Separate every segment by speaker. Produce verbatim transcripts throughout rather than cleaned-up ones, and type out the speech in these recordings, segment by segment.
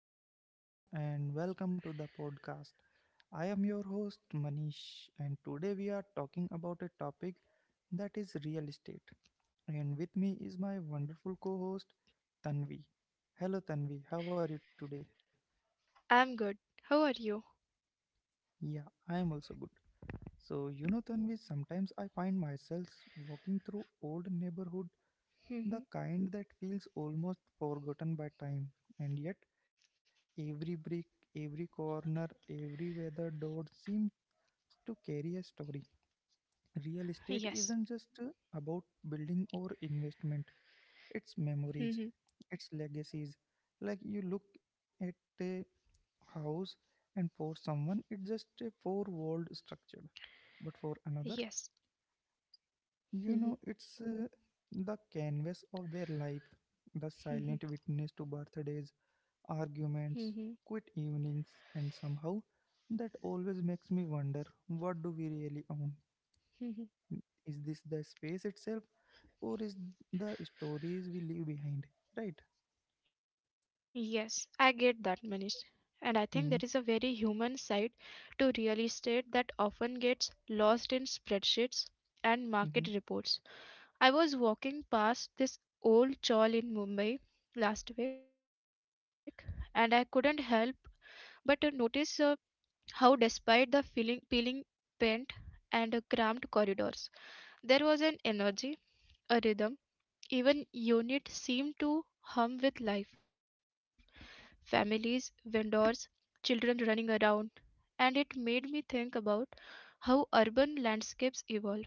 Speaker 1: everyone, and welcome to the podcast. I am your host, Manish, and today we are talking about a topic that is real estate. And with me is my wonderful co host, Tanvi. Hello, Tanvi, how are you today?
Speaker 2: I'm good. How are you?
Speaker 1: Yeah, I am also good. So, you know, Tanvi, sometimes I find myself walking through old neighborhood, the
Speaker 2: Mhm.
Speaker 1: kind that feels almost forgotten by time, and yet every brick, every corner, every weather door seems to carry a story. Real
Speaker 2: Yes.
Speaker 1: estate isn't just uh, about building or investment, it's
Speaker 2: Mhm.
Speaker 1: memories, it's legacies. Like you look at a house, and for someone, it's just a four walled structure, but for another,
Speaker 2: Yes.
Speaker 1: you know,
Speaker 2: Mhm.
Speaker 1: it's uh, the canvas of their life, the silent witness
Speaker 2: Mhm.
Speaker 1: to birthdays, arguments,
Speaker 2: Mhm.
Speaker 1: quit evenings, and somehow that always makes me wonder, what do we really own?
Speaker 2: Mhm.
Speaker 1: Is this the space itself or is the stories we leave behind? Right?
Speaker 2: Yes, I get that, Manish. And I think there
Speaker 1: Mm-hmm,
Speaker 2: is a very human side to real estate that often gets lost in spreadsheets and market
Speaker 1: mm-hmm,
Speaker 2: reports. I was walking past this old chawl in Mumbai last week, and I couldn't help but uh, notice uh, how, despite the feeling, peeling paint and uh, cramped corridors, there was an energy, a rhythm, even unit seemed to hum with life. Families, vendors, children running around. And it made me think about how urban landscapes evolve,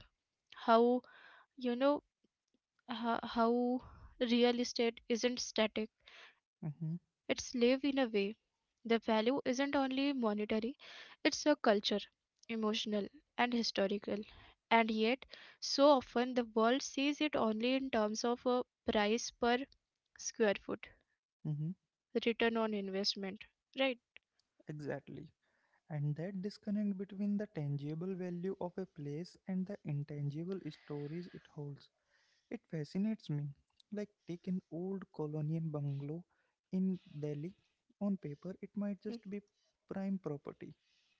Speaker 2: how, you know, ho- how real estate isn't static, it's live
Speaker 1: mm-hmm,
Speaker 2: in a way. The value isn't only monetary, it's a culture, emotional, and historical. And yet, so often the world sees it only in terms of a price per square foot, return
Speaker 1: mm-hmm.
Speaker 2: on investment. Right?
Speaker 1: Exactly. And that disconnect between the tangible value of a place and the intangible stories it holds, it fascinates me. Like, take an old colonial bungalow in Delhi. On paper,
Speaker 2: Mm.
Speaker 1: it might just be prime property,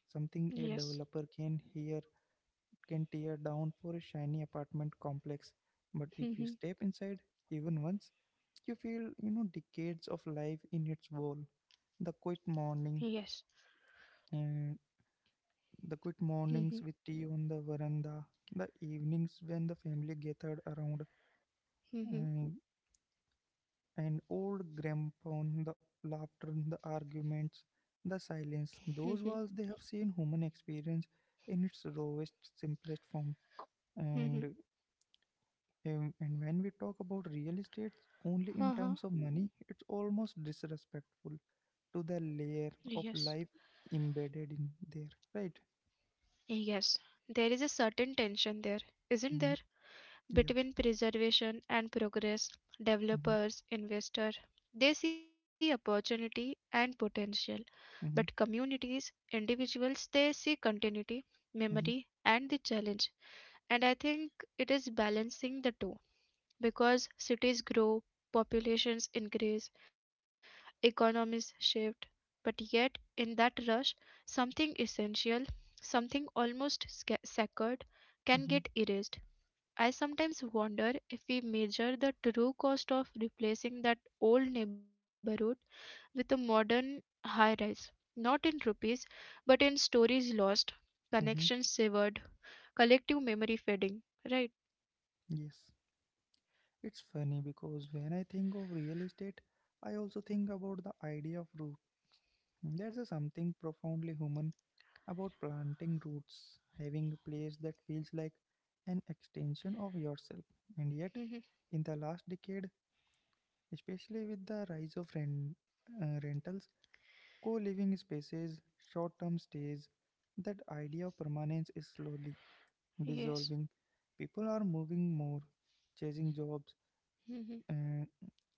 Speaker 1: something a
Speaker 2: Yes.
Speaker 1: developer can hear can tear down for a shiny apartment complex. But if you
Speaker 2: Mhm.
Speaker 1: step inside, even once, you feel you know decades of life in its wall. The quiet
Speaker 2: Yes.
Speaker 1: morning, and the quiet
Speaker 2: Mhm.
Speaker 1: mornings with tea on the veranda, the evenings when the family gathered around,
Speaker 2: Mhm.
Speaker 1: mm, and old grandpa, the laughter, the arguments, the
Speaker 2: Mhm.
Speaker 1: silence, those walls they have seen human experience in its rawest, simplest form.
Speaker 2: Mhm.
Speaker 1: And um, and when we talk about real estate only in
Speaker 2: Uh-huh.
Speaker 1: terms of money, it's almost disrespectful to the
Speaker 2: Yes.
Speaker 1: layer of life embedded in there, right?
Speaker 2: Yes. There is a certain tension there, isn't there?
Speaker 1: Mm-hmm. Yeah.
Speaker 2: Between preservation and progress,
Speaker 1: Mm-hmm.
Speaker 2: developers, investors, they see opportunity and potential, but
Speaker 1: Mm-hmm.
Speaker 2: communities, individuals, they see continuity,
Speaker 1: Mm-hmm.
Speaker 2: memory, and the challenge. And I think it is balancing the two because cities grow, populations increase, economies shift, but yet in that rush, something essential, something almost sca- sacred, can get
Speaker 1: Mm-hmm.
Speaker 2: erased. I sometimes wonder if we measure the true cost of replacing that old neighborhood with a modern high rise, not in rupees, but in stories lost,
Speaker 1: Mm-hmm.
Speaker 2: connections severed, collective memory fading. Right?
Speaker 1: Yes. It's funny because when I think of real estate, I also think about the idea of, there's a something profoundly human about planting roots, having a place that feels like an extension of yourself. And yet,
Speaker 2: Mhm.
Speaker 1: in the last decade, especially with the rise of rent, uh, rentals, co living spaces, short term stays, that idea of permanence is slowly
Speaker 2: Yes.
Speaker 1: dissolving. People are moving more, chasing jobs,
Speaker 2: Mhm.
Speaker 1: uh,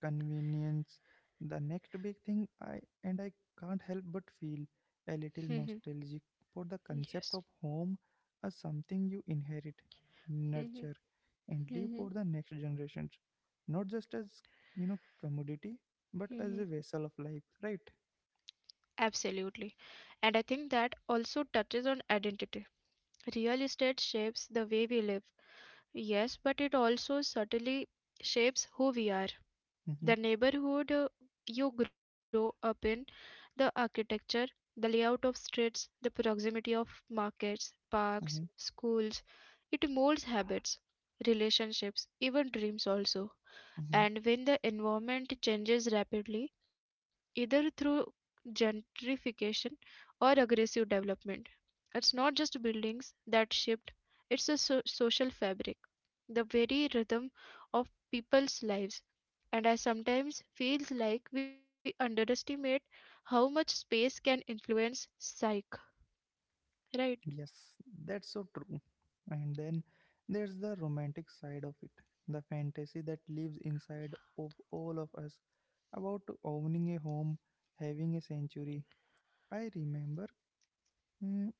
Speaker 1: convenience, the next big thing. I and i can't help but feel a little
Speaker 2: Mhm.
Speaker 1: nostalgic for the
Speaker 2: Yes.
Speaker 1: concept of home, as something you inherit,
Speaker 2: Mhm.
Speaker 1: nurture, and leave for
Speaker 2: Mhm.
Speaker 1: the next generations, not just as, you know, commodity, but as a
Speaker 2: Mhm.
Speaker 1: vessel of life, right?
Speaker 2: Absolutely. And I think that also touches on identity. Real estate shapes the way we live. Yes, but it also subtly shapes who we are.
Speaker 1: Mm-hmm,
Speaker 2: The neighborhood uh, you grow up in, the architecture, the layout of streets, the proximity of markets, parks,
Speaker 1: mm-hmm,
Speaker 2: schools, it molds habits, relationships, even dreams also.
Speaker 1: mm-hmm.
Speaker 2: And when the environment changes rapidly, either through gentrification or aggressive development, it's not just buildings that shift, it's a so- social fabric, the very rhythm of people's lives. And I sometimes feels like we underestimate how much space can influence psyche, right?
Speaker 1: Yes, that's so true. And then there's the romantic side of it, the fantasy that lives inside of all of us about owning a home, having a sanctuary. I remember, mm,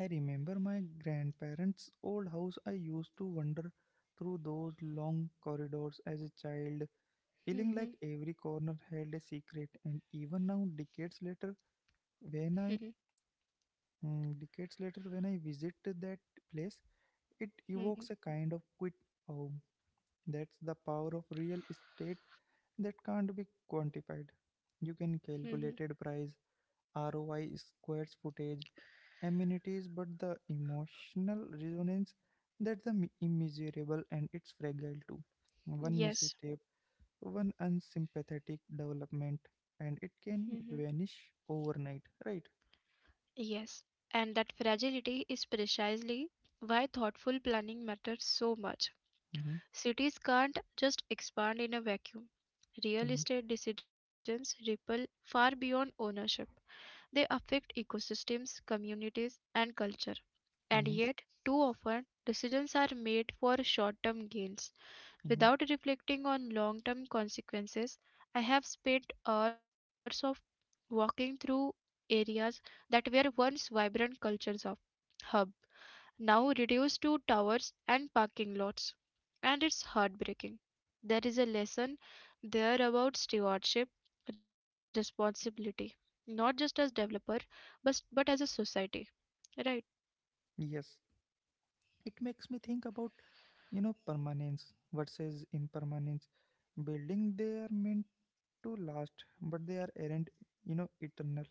Speaker 1: I remember my grandparents' old house. I used to wander through those long corridors as a child, feeling
Speaker 2: Mhm.
Speaker 1: like every corner held a secret. And even now, decades later, when
Speaker 2: Mhm.
Speaker 1: I mm, decades later when I visit that place, it
Speaker 2: Mhm.
Speaker 1: evokes a kind of quit home. That's the power of real estate that can't be quantified. You can
Speaker 2: Mhm.
Speaker 1: calculated price, R O I, squares footage, amenities, but the emotional resonance, that's the mi- immeasurable and it's fragile too. One
Speaker 2: Yes.
Speaker 1: misstep, one unsympathetic development, and it can vanish overnight. Right?
Speaker 2: Yes, and that fragility is precisely why thoughtful planning matters so much.
Speaker 1: Mm-hmm,
Speaker 2: Cities can't just expand in a vacuum. Real
Speaker 1: mm-hmm,
Speaker 2: estate decisions ripple far beyond ownership. They affect ecosystems, communities, and culture. And
Speaker 1: mm-hmm,
Speaker 2: yet, too often, decisions are made for short term gains
Speaker 1: mm-hmm.
Speaker 2: without reflecting on long term consequences. I have spent hours of walking through areas that were once vibrant cultures of hub, now reduced to towers and parking lots. And it's heartbreaking. There is a lesson there about stewardship, responsibility, not just as developer, but but as a society. Right.
Speaker 1: Yes, it makes me think about, you know, permanence versus impermanence. Building, they are meant to last, but they are aren't, you know, eternal,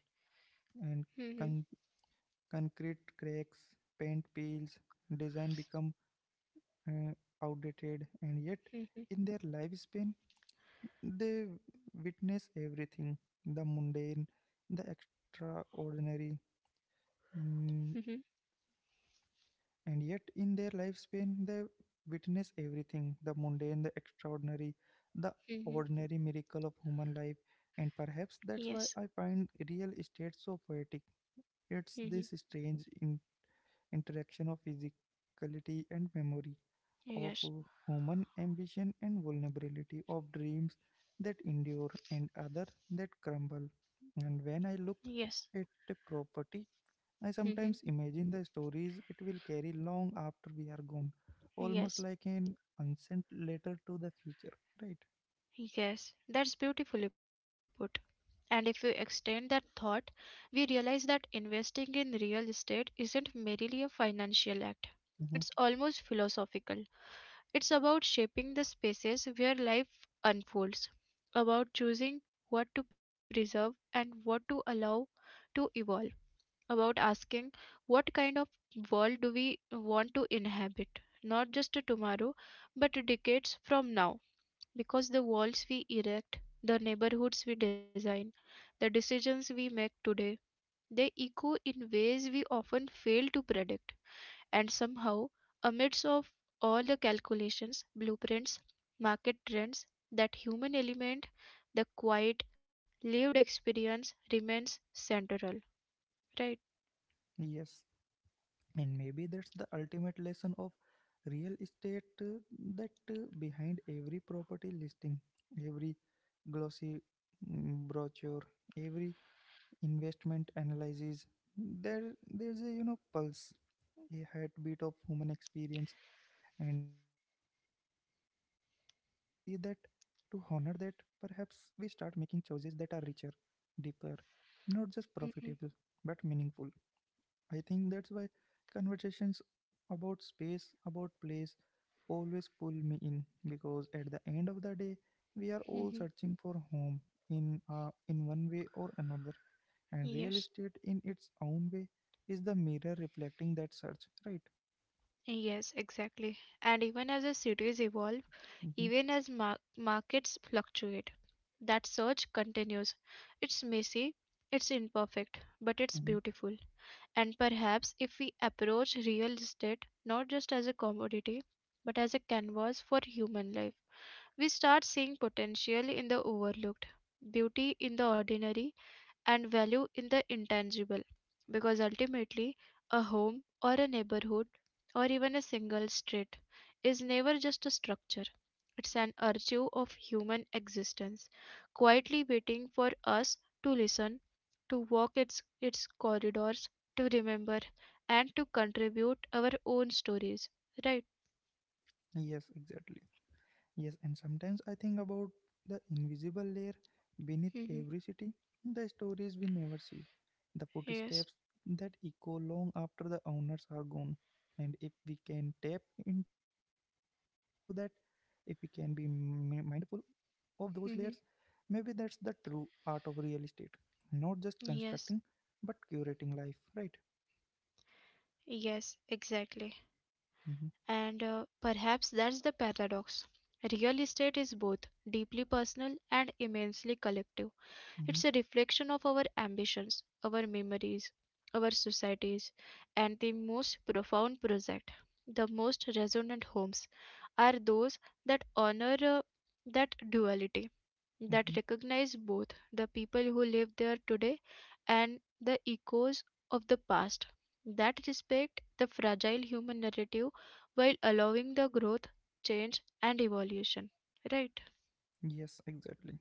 Speaker 2: Mhm.
Speaker 1: and con- concrete cracks, paint peels, design become uh, outdated. And yet
Speaker 2: Mhm.
Speaker 1: in their lifespan they witness everything, the mundane, the extraordinary.
Speaker 2: Mhm.
Speaker 1: Mm, And yet, in their lifespan, they witness everything the mundane, the extraordinary, the
Speaker 2: Mhm.
Speaker 1: ordinary miracle of human life. And perhaps
Speaker 2: Yes.
Speaker 1: that's why I find real estate so poetic. It's
Speaker 2: Mhm.
Speaker 1: this strange in- interaction of physicality and memory, of
Speaker 2: Yes.
Speaker 1: uh, human ambition and vulnerability, of dreams that endure and other that crumble. And
Speaker 2: Yes.
Speaker 1: when I look at the property, I
Speaker 2: Mhm.
Speaker 1: sometimes imagine the stories it will carry long after we are gone, almost
Speaker 2: Yes.
Speaker 1: like an unsent letter to the future, right?
Speaker 2: Yes, that's beautifully put. And if we extend that thought, we realize that investing in real estate isn't merely a financial act,
Speaker 1: Hmm.
Speaker 2: it's almost philosophical. It's about shaping the spaces where life unfolds, about choosing what to preserve and what to allow to evolve, about asking what kind of world do we want to inhabit, not just tomorrow, but decades from now. Because the walls we erect, the neighborhoods we design, the decisions we make today, they echo in ways we often fail to predict. And somehow, amidst of all the calculations, blueprints, market trends, that human element, the quiet, lived experience remains central. Right?
Speaker 1: Yes, and maybe that's the ultimate lesson of real estate, uh, that uh, behind every property listing, every glossy mm, brochure, every investment analysis, there there's a, you know, pulse, a heartbeat of human experience. And if we learn to see that, to honor that, perhaps we start making choices that are richer, deeper, not just profitable, but meaningful. I think that's why conversations about space, about place, always pull me in, because at the end of the day, we are all
Speaker 2: Mm-hmm.
Speaker 1: searching for home in uh, in one way or another, and real
Speaker 2: Yes.
Speaker 1: estate in its own way is the mirror reflecting that search, right?
Speaker 2: Yes, exactly. And even as the cities evolve,
Speaker 1: Mm-hmm.
Speaker 2: even as mar- markets fluctuate. That surge continues. It's messy, it's imperfect, but it's
Speaker 1: Mm-hmm.
Speaker 2: beautiful. And perhaps if we approach real estate not just as a commodity, but as a canvas for human life, we start seeing potential in the overlooked, beauty in the ordinary, and value in the intangible, because ultimately a home or a neighborhood or even a single street is never just a structure. It's an archive of human existence quietly waiting for us to listen, to walk its its corridors, to remember, and to contribute our own stories, right?
Speaker 1: Yes, exactly. Yes, and sometimes I think about the invisible layer beneath
Speaker 2: Hmm.
Speaker 1: every city, the stories we never see, the
Speaker 2: Yes.
Speaker 1: footsteps that echo long after the owners are gone. And if we can tap into that, if we can be mi- mindful of those layers,
Speaker 2: Hmm.
Speaker 1: maybe that's the true art of real estate. Not just constructing,
Speaker 2: Yes.
Speaker 1: but curating life, right?
Speaker 2: Yes, exactly.
Speaker 1: Mm-hmm,
Speaker 2: And uh, perhaps that's the paradox. Real estate is both deeply personal and immensely collective.
Speaker 1: mm-hmm,
Speaker 2: It's a reflection of our ambitions, our memories, our societies, and the most profound project, the most resonant homes, are those that honor uh, that duality,
Speaker 1: mm-hmm.
Speaker 2: that recognize both the people who live there today and the echoes of the past, that respect the fragile human narrative while allowing the growth, change, and evolution. Right?
Speaker 1: Yes, exactly.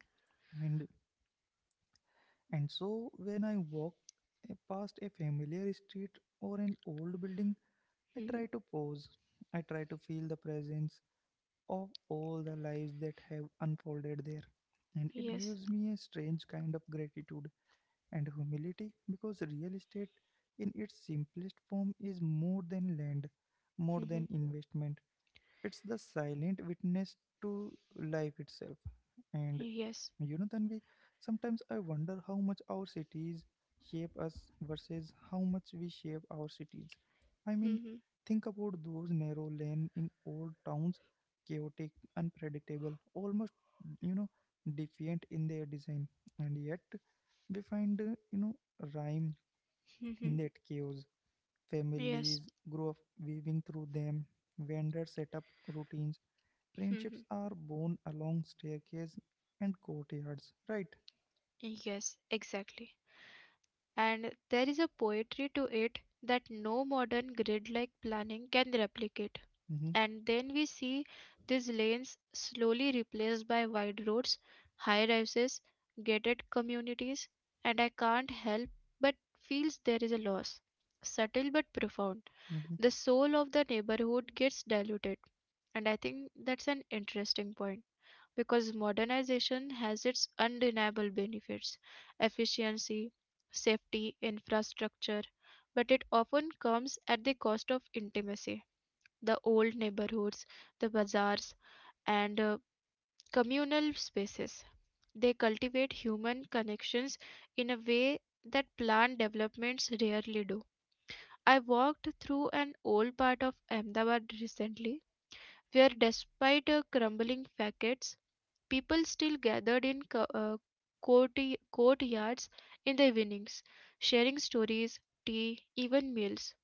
Speaker 1: And And so, when I walk a- past a familiar street or an old building, I
Speaker 2: Hmm.
Speaker 1: try to pause. I try to feel the presence of all the lives that have unfolded there. And it
Speaker 2: Yes.
Speaker 1: gives me a strange kind of gratitude and humility, because real estate, in its simplest form, is more than land, more
Speaker 2: Hmm.
Speaker 1: than investment, it's the silent witness to life itself. And,
Speaker 2: Yes.
Speaker 1: you know, Tanvi, sometimes I wonder how much our cities shape us versus how much we shape our cities. I mean,
Speaker 2: Hmm.
Speaker 1: think about those narrow lanes in old towns, chaotic, unpredictable, almost, you know, defiant in their design, and yet we find, uh, you know, rhyme
Speaker 2: Hmm.
Speaker 1: in that chaos.
Speaker 2: Yes.
Speaker 1: Families grow up weaving through them, vendors set up routines,
Speaker 2: Hmm.
Speaker 1: friendships are born along staircase and courtyards, right?
Speaker 2: Yes, exactly. And there is a poetry to it that no modern grid like planning can replicate.
Speaker 1: Hmm.
Speaker 2: And then we see these lanes slowly replaced by wide roads, high rises, gated communities, and I can't help but feels there is a loss, subtle but profound. The
Speaker 1: Hmm.
Speaker 2: soul of the neighborhood gets diluted, and I think that's an interesting point because modernization has its undeniable benefits, efficiency, safety, infrastructure, but it often comes at the cost of intimacy. The old neighborhoods, the bazaars, and uh, communal spaces. They cultivate human connections in a way that planned developments rarely do. I walked through an old part of Ahmedabad recently, where despite uh, crumbling facades, people still gathered in co- uh, courty- courtyards in the evenings, sharing stories, tea, even meals.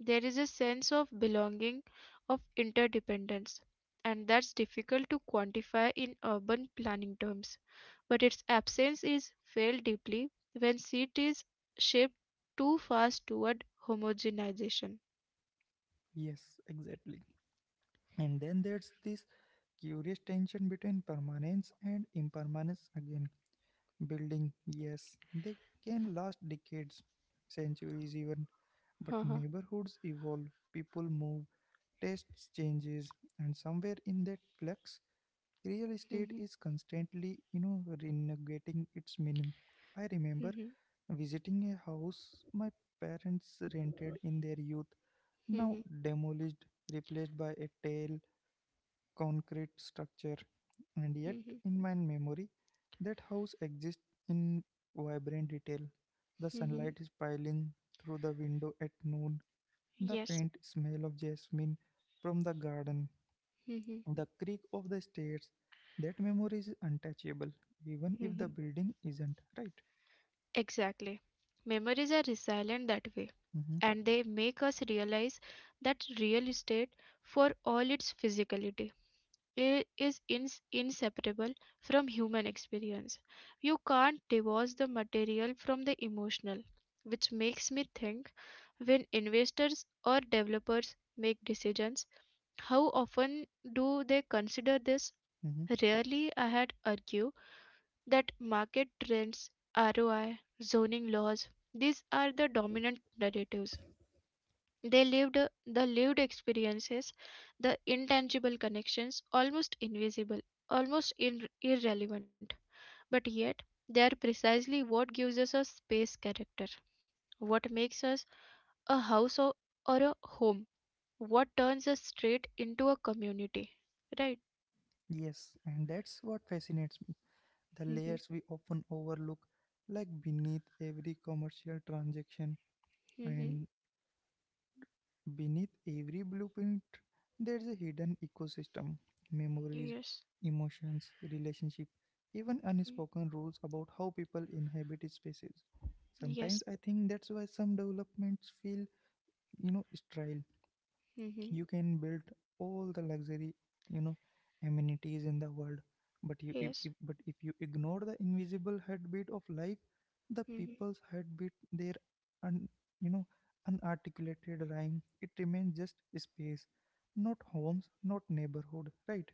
Speaker 2: There is a sense of belonging, of interdependence, and that's difficult to quantify in urban planning terms. But its absence is felt deeply when cities shift too fast toward homogenization.
Speaker 1: Yes, exactly. And then there's this curious tension between permanence and impermanence again. Building, yes, they can last decades, centuries even, but
Speaker 2: Uh-huh.
Speaker 1: neighborhoods evolve, people move, tastes changes, and somewhere in that flux, real estate
Speaker 2: Mhm.
Speaker 1: is constantly, you know, renegating its meaning. I remember
Speaker 2: Mhm.
Speaker 1: visiting a house my parents rented in their youth, now
Speaker 2: Mhm.
Speaker 1: demolished, replaced by a tall concrete structure. And yet,
Speaker 2: Mhm.
Speaker 1: in my memory, that house exists in vibrant detail. The
Speaker 2: Mhm.
Speaker 1: sunlight is piling through the window at noon, the
Speaker 2: Yes.
Speaker 1: faint smell of jasmine from the garden,
Speaker 2: Mhm.
Speaker 1: the creak of the stairs. That memory is untouchable, even if the
Speaker 2: Mhm.
Speaker 1: building isn't, right?
Speaker 2: Exactly. Memories are resilient that way,
Speaker 1: Mm-hmm,
Speaker 2: and they make us realize that real estate, for all its physicality, i- is ins- inseparable from human experience. You can't divorce the material from the emotional, which makes me think, when investors or developers make decisions, how often do they consider this?
Speaker 1: mm-hmm.
Speaker 2: Rarely, I had argue that market trends, R O I, zoning laws, these are the dominant narratives. They lived the lived experiences, the intangible connections, almost invisible, almost in, irrelevant, but yet they are precisely what gives us a space character, what makes us a house or, or a home, what turns a street into a community. Right?
Speaker 1: Yes, and that's what fascinates me. The
Speaker 2: Mm-hmm.
Speaker 1: layers we often overlook, like beneath every commercial transaction
Speaker 2: Mm-hmm.
Speaker 1: and beneath every blueprint, there's a hidden ecosystem, memories,
Speaker 2: Yes.
Speaker 1: emotions, relationship, even
Speaker 2: Mm.
Speaker 1: unspoken rules about how people inhabit spaces. Sometimes
Speaker 2: Yes.
Speaker 1: I think that's why some developments feel, you know, sterile.
Speaker 2: Mm-hmm.
Speaker 1: You can build all the luxury, you know, amenities in the world, but you if,
Speaker 2: Yes.
Speaker 1: if, but if you ignore the invisible heartbeat of life, the
Speaker 2: Mm-hmm.
Speaker 1: people's heartbeat, their un, you know, unarticulated rhyme, it remains just space, not homes, not neighborhood, right?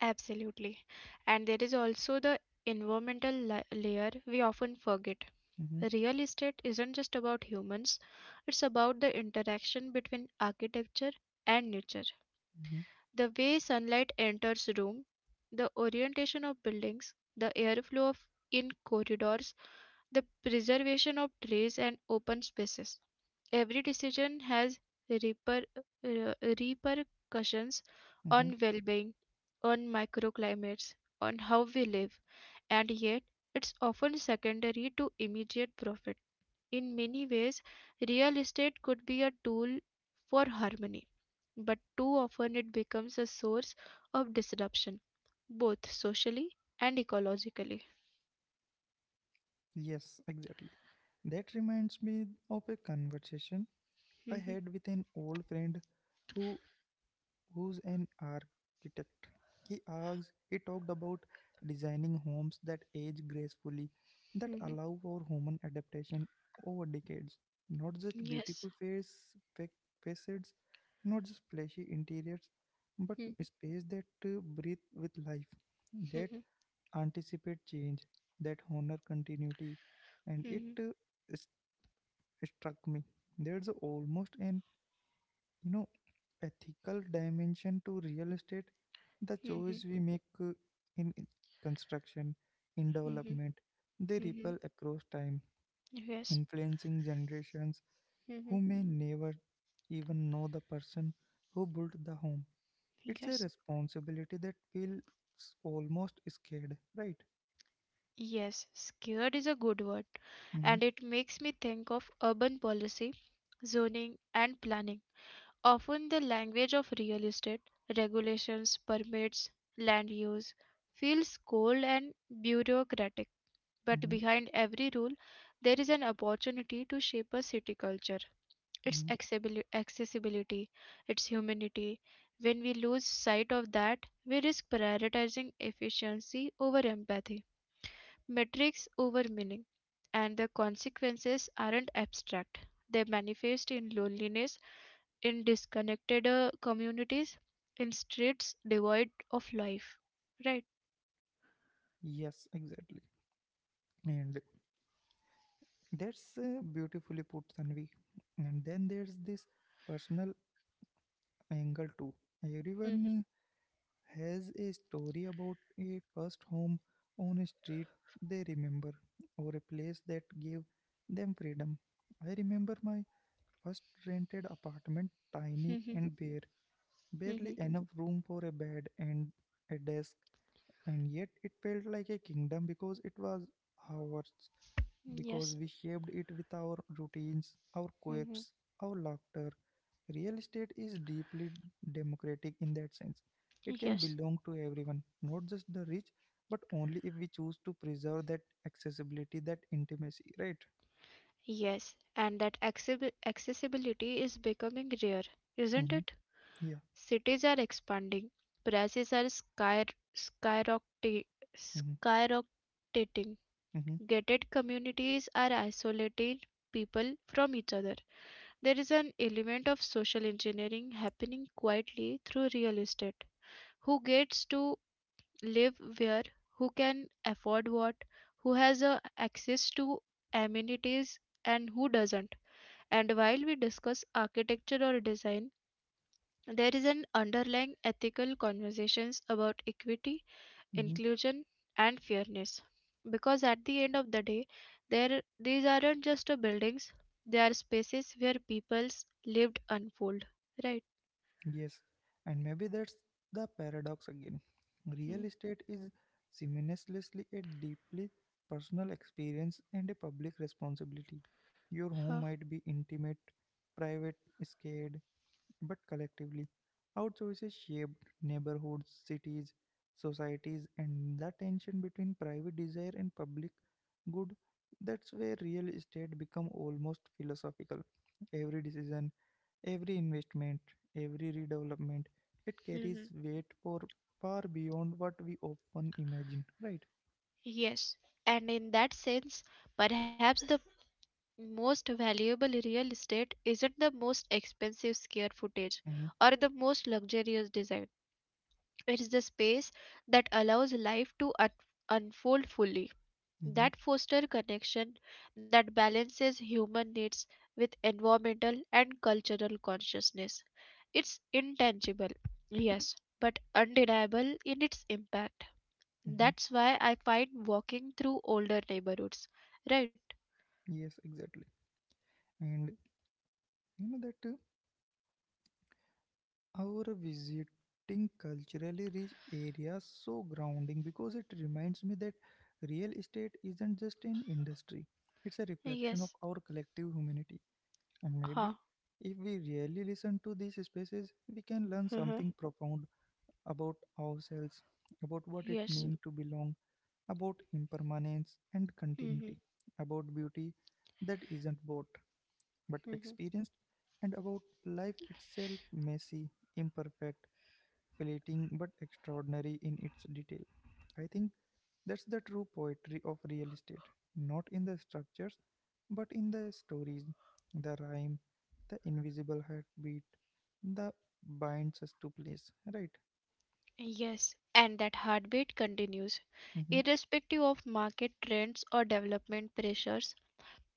Speaker 2: Absolutely. And there is also the environmental la- layer we often forget.
Speaker 1: Mm-hmm,
Speaker 2: Real estate isn't just about humans, it's about the interaction between architecture and nature.
Speaker 1: mm-hmm,
Speaker 2: The way sunlight enters room, the orientation of buildings, the airflow of in corridors, the preservation of trees and open spaces. Every decision has reper, uh, repercussions
Speaker 1: mm-hmm.
Speaker 2: on well being, on microclimates, on how we live, and yet it's often secondary to immediate profit. In many ways, real estate could be a tool for harmony, but too often it becomes a source of disruption, both socially and ecologically.
Speaker 1: Yes, exactly. That reminds me of a conversation I
Speaker 2: Mhm.
Speaker 1: had with an old friend who who's an architect. He asks, he talked about designing homes that age gracefully, that
Speaker 2: Mhm.
Speaker 1: allow for human adaptation over decades. Not just
Speaker 2: Yes.
Speaker 1: beautiful face, fa- facades, not just flashy interiors, but
Speaker 2: Mhm.
Speaker 1: a space that uh, breathe with life, that
Speaker 2: Mhm.
Speaker 1: anticipate change, that honor continuity, and it,
Speaker 2: Mhm.
Speaker 1: uh, s- struck me. There's almost an, you know, ethical dimension to real estate, the
Speaker 2: Mhm.
Speaker 1: choice we make uh, in in construction, in
Speaker 2: Mhm.
Speaker 1: development, they
Speaker 2: Mhm.
Speaker 1: ripple across time,
Speaker 2: Yes.
Speaker 1: influencing generations who
Speaker 2: Mhm.
Speaker 1: may never even know the person who built the home. It's a
Speaker 2: Yes.
Speaker 1: responsibility that feels almost scared, right?
Speaker 2: Yes, scared is a good word,
Speaker 1: Mm-hmm,
Speaker 2: and it makes me think of urban policy, zoning, and planning. Often the language of real estate regulations, permits, land use feels cold and bureaucratic, but
Speaker 1: mm-hmm,
Speaker 2: behind every rule there is an opportunity to shape a city culture, its
Speaker 1: mm-hmm.
Speaker 2: accessibili- accessibility, its humanity. When we lose sight of that, we risk prioritizing efficiency over empathy, metrics over meaning, and the consequences aren't abstract. They manifest in loneliness, in disconnected uh, communities, in streets devoid of life. Right?
Speaker 1: Yes, exactly. And that's, uh, beautifully put, Tanvi. And then there's this personal angle too.
Speaker 2: Mhm.
Speaker 1: Everyone has a story about a first home, on a street they remember, or a place that gave them freedom. I remember my first rented apartment, tiny
Speaker 2: Mhm.
Speaker 1: and bare, barely
Speaker 2: Mhm.
Speaker 1: enough room for a bed and a desk, and yet it felt like a kingdom because it was ours, because
Speaker 2: Yes.
Speaker 1: we shaped it with our routines, our
Speaker 2: Mhm.
Speaker 1: quirks, our laughter. Real estate is deeply democratic in that sense. It can
Speaker 2: Yes.
Speaker 1: belong to everyone, not just the rich, but only if we choose to preserve that accessibility, that intimacy, right?
Speaker 2: Yes, and that accessi- accessibility is becoming rare, isn't
Speaker 1: Mm-hmm.
Speaker 2: it?
Speaker 1: Yeah.
Speaker 2: Cities are expanding, prices are sky skyrocketing,
Speaker 1: Mm-hmm.
Speaker 2: skyrocketing.
Speaker 1: Mm-hmm.
Speaker 2: Gated communities are isolating people from each other. There is an element of social engineering happening quietly through real estate. Who gets to live where? Who can afford what? Who has uh, access to amenities and who doesn't? And while we discuss architecture or design, there is an underlying ethical conversations about equity,
Speaker 1: Mm-hmm.
Speaker 2: inclusion, and fairness, because at the end of the day there these aren't just a buildings, they are spaces where people's lived unfold, right?
Speaker 1: Yes, and maybe that's the paradox again.
Speaker 2: Hmm.
Speaker 1: Real estate is simultaneously a deeply personal experience and a public responsibility. Your
Speaker 2: Huh.
Speaker 1: home might be intimate, private, scared, but collectively, our choices shaped neighborhoods, cities, societies, and the tension between private desire and public good, that's where real estate become almost philosophical. Every decision, every investment, every redevelopment, it carries
Speaker 2: Mhm.
Speaker 1: weight for far beyond what we often imagine, right?
Speaker 2: Yes. And in that sense perhaps the most valuable real estate isn't the most expensive square footage
Speaker 1: Mm-hmm,
Speaker 2: or the most luxurious design, it's the space that allows life to un- unfold fully,
Speaker 1: mm-hmm,
Speaker 2: that foster connection, that balances human needs with environmental and cultural consciousness. It's intangible, yes, but undeniable in its impact.
Speaker 1: mm-hmm.
Speaker 2: That's why I find walking through older neighborhoods, right?
Speaker 1: Yes, exactly. And, you know, that, uh, our visiting culturally rich areas so grounding, because it reminds me that real estate isn't just an industry; it's a
Speaker 2: Yes.
Speaker 1: reflection of our collective humanity. And
Speaker 2: Huh.
Speaker 1: maybe if we really listen to these spaces, we can learn
Speaker 2: Uh-huh.
Speaker 1: something profound about ourselves, about what it
Speaker 2: Yes.
Speaker 1: means to belong, about impermanence and
Speaker 2: Mm-hmm.
Speaker 1: continuity, about beauty that isn't bought but
Speaker 2: Mm-hmm.
Speaker 1: experienced, and about life itself messy, imperfect, fleeting but extraordinary in its detail. I think that's the true poetry of real estate, not in the structures, but in the stories, the rhyme, the invisible heartbeat that binds us to place, right?
Speaker 2: Yes, and that heartbeat continues,
Speaker 1: Mm-hmm,
Speaker 2: irrespective of market trends or development pressures.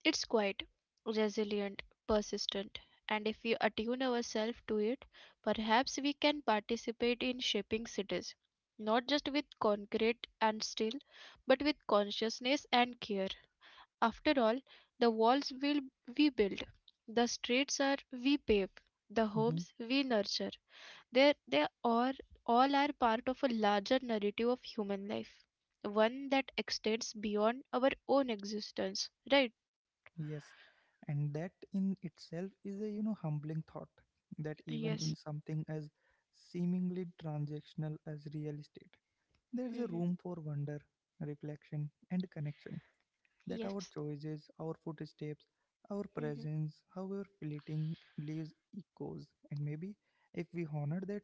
Speaker 2: It's quiet, resilient, persistent, and if we attune ourselves to it, perhaps we can participate in shaping cities, not just with concrete and steel, but with consciousness and care. After all, the walls will we build, the streets are we pave, the
Speaker 1: mm-hmm,
Speaker 2: homes we nurture. They they are all are part of a larger narrative of human life, one that extends beyond our own existence. Right?
Speaker 1: yes. And that in itself is a you know humbling thought that even
Speaker 2: Yes.
Speaker 1: in something as seemingly transactional as real estate, there's a
Speaker 2: Mm-hmm.
Speaker 1: room for wonder, reflection, and connection that our
Speaker 2: Yes.
Speaker 1: choices, our footsteps, our
Speaker 2: Hmm.
Speaker 1: presence, however fleeting, leaves echoes. And maybe if we honor that,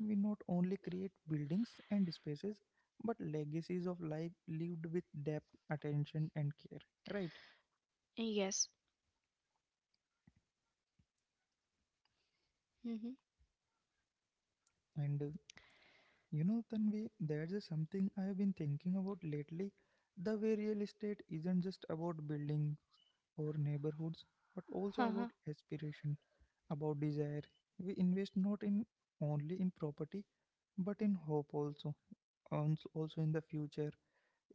Speaker 1: we not only create buildings and spaces, but legacies of life lived with depth, attention, and care. Right?
Speaker 2: Yes. Hmm.
Speaker 1: And uh, you know, Tanvi, there's a something I have been thinking about lately. The way real estate isn't just about buildings or neighborhoods, but also
Speaker 2: Uh.
Speaker 1: about aspiration about desire. We invest not in only in property but in hope also, and also in the future,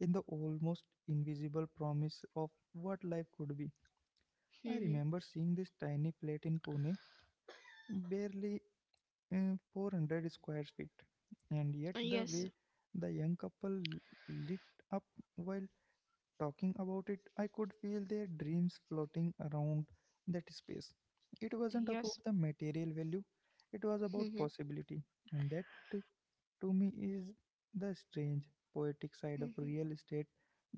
Speaker 1: in the almost invisible promise of what life could be. I
Speaker 2: Hmm.
Speaker 1: remember seeing this tiny flat in Pune, barely uh, four hundred square feet, and yet the
Speaker 2: Yes.
Speaker 1: way the young couple lit up while talking about it, I could feel their dreams floating around that space. It wasn't
Speaker 2: Yes.
Speaker 1: about the material value, it was about
Speaker 2: Hmm.
Speaker 1: possibility, and that to me is the strange poetic side of
Speaker 2: Hmm.
Speaker 1: real estate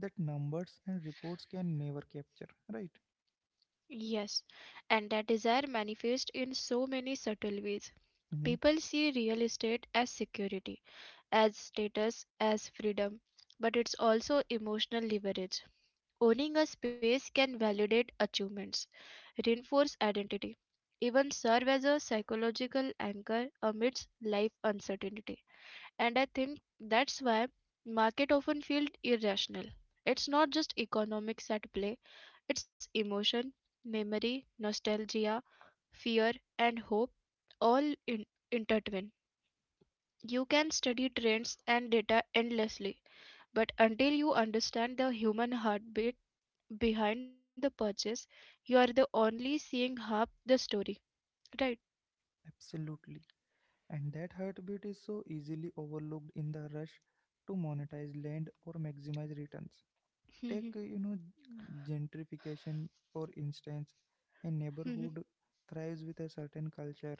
Speaker 1: that numbers and reports can never capture, right?
Speaker 2: Yes. And that desire manifests in so many subtle ways.
Speaker 1: Hmm.
Speaker 2: People see real estate as security, as status, as freedom, but it's also emotional leverage. Owning a space can validate achievements, reinforce identity, even serve as a psychological anchor amidst life uncertainty. And I think that's why market often feel irrational. It's not just economics at play, it's emotion, memory, nostalgia, fear and hope all in- intertwined. You can study trends and data endlessly, but until you understand the human heartbeat behind the purchase, you are the only seeing half the story. Right?
Speaker 1: Absolutely. And that heartbeat is so easily overlooked in the rush to monetize land or maximize returns. Take, uh, you know,
Speaker 2: Mhm.
Speaker 1: gentrification, for instance, a
Speaker 2: Mhm.
Speaker 1: neighborhood thrives with a certain culture,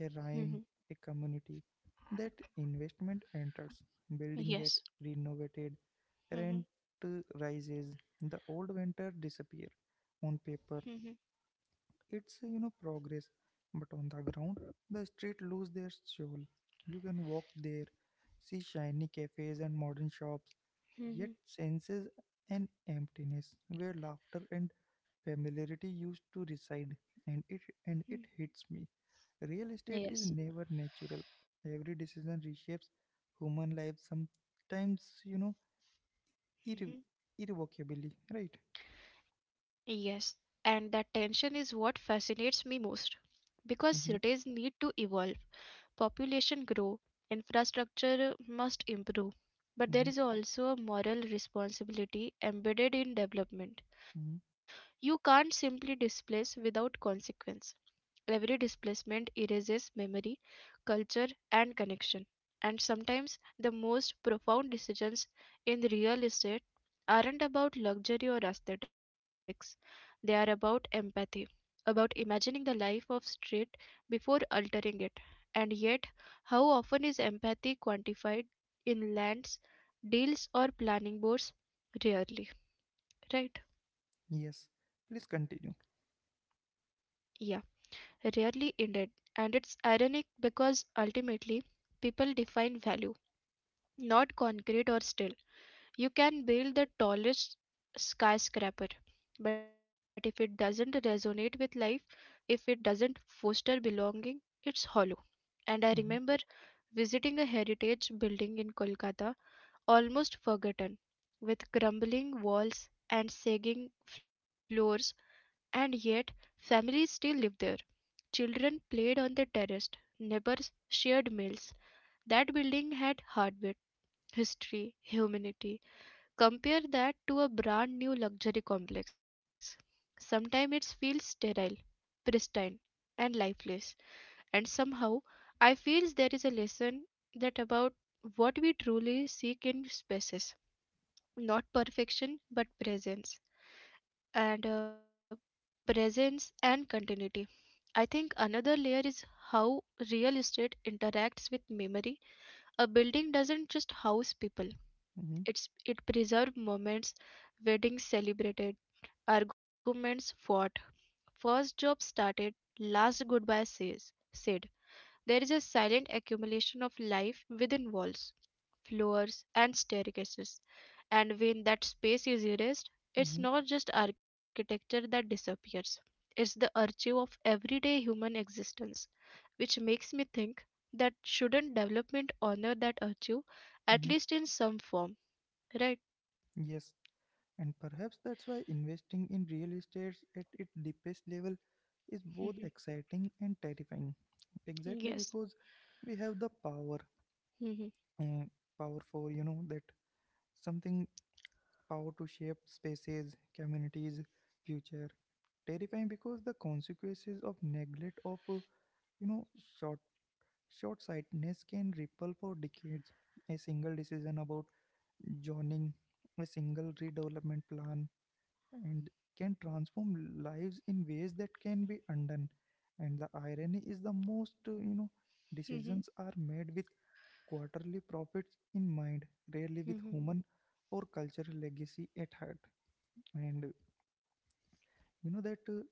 Speaker 1: a rhyme,
Speaker 2: Mhm.
Speaker 1: a community. That investment enters, building get
Speaker 2: Yes.
Speaker 1: renovated, rent uh,
Speaker 2: Mhm.
Speaker 1: rises, the old winter disappear on paper
Speaker 2: Mhm.
Speaker 1: it's uh, you know progress, but on the ground, the street lose their soul. You can walk there, see shiny cafes and modern shops, yet
Speaker 2: Mhm.
Speaker 1: senses an emptiness where laughter and familiarity used to reside, and it and it
Speaker 2: Mhm.
Speaker 1: hits me. Real estate is
Speaker 2: Yes.
Speaker 1: never natural. Every decision reshapes human life. Sometimes you know irre- irrevocably, right?
Speaker 2: Yes, and that tension is what fascinates me most, because
Speaker 1: Mm-hmm,
Speaker 2: cities need to evolve, population grow, infrastructure must improve. But there
Speaker 1: mm-hmm,
Speaker 2: is also a moral responsibility embedded in development.
Speaker 1: mm-hmm,
Speaker 2: You can't simply displace without consequence. Every displacement erases memory, culture, and connection. And sometimes the most profound decisions in real estate aren't about luxury or aesthetics, they are about empathy, about imagining the life of street before altering it. And yet, how often is empathy quantified in lands, deals, or planning boards? Rarely, right?
Speaker 1: yes. Please continue.
Speaker 2: Yeah. Rarely ended, and it's ironic because ultimately people define value, not concrete or still. You can build the tallest skyscraper, but if it doesn't resonate with life, if it doesn't foster belonging, it's hollow. And I
Speaker 1: Mm-hmm,
Speaker 2: remember visiting a heritage building in Kolkata, almost forgotten, with crumbling walls and sagging floors, and yet families still live there. Children played on the terrace, neighbors shared meals. That building had heartbeat, history, humanity. Compare that to a brand new luxury complex. Sometimes it feels sterile, pristine, and lifeless. And somehow, I feel there is a lesson that about what we truly seek in spaces. Not perfection, but presence. And uh, presence and continuity. I think another layer is how real estate interacts with memory. A building doesn't just house people.
Speaker 1: mm-hmm.
Speaker 2: It's it preserves moments, weddings celebrated, arguments fought, first job started, last goodbye says said. There is a silent accumulation of life within walls, floors, and staircases. And when that space is erased, it's
Speaker 1: Mhm,
Speaker 2: not just architecture that disappears, it's the archive of everyday human existence, which makes me think that shouldn't development honor that archive, at
Speaker 1: mhm.
Speaker 2: least in some form, right?
Speaker 1: Yes, and perhaps that's why investing in real estate at its deepest level is
Speaker 2: Hmm.
Speaker 1: both exciting and terrifying. Exactly
Speaker 2: Yes.
Speaker 1: because we have the power,
Speaker 2: Hmm.
Speaker 1: uh, power for you know that something power to shape spaces, communities, future. Terrifying because the consequences of neglect of uh, you know short short sightedness can ripple for decades. A single decision about zoning, a single redevelopment plan and can transform lives in ways that can be undone. And the irony is the most, uh, you know,
Speaker 2: Hmm.
Speaker 1: decisions are made with quarterly profits in mind, rarely with
Speaker 2: Hmm.
Speaker 1: human or cultural legacy at heart. And uh, you know that, uh,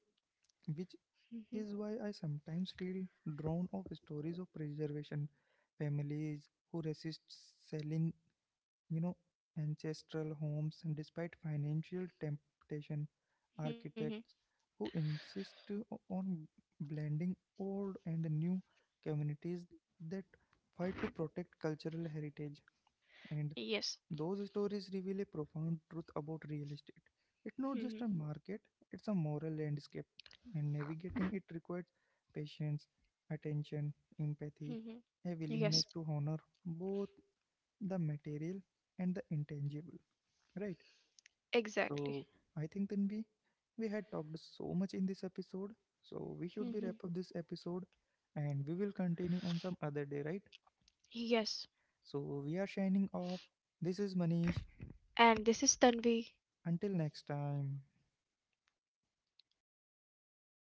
Speaker 1: which
Speaker 2: Hmm.
Speaker 1: is why I sometimes feel drawn of stories of preservation, families who resist selling, you know, ancestral homes, and despite financial temptation,
Speaker 2: Hmm.
Speaker 1: architects who insist to- on blending old and new communities that fight to protect cultural heritage. And
Speaker 2: Yes.
Speaker 1: those stories reveal a profound truth about real estate. It's not
Speaker 2: Hmm.
Speaker 1: just a market, it's a moral landscape, and navigating it requires patience, attention,
Speaker 2: Hmm.
Speaker 1: empathy, a
Speaker 2: Yes,
Speaker 1: willingness to honor both the material and the intangible, right? So
Speaker 2: exactly.
Speaker 1: I think then we we had talked so much in this episode, so we
Speaker 2: Hmm.
Speaker 1: should be wrap up this episode and we will continue on some other day, right?
Speaker 2: Yes.
Speaker 1: So we are shining off. This is Manish.
Speaker 2: And this is Tanvi.
Speaker 1: Until next time.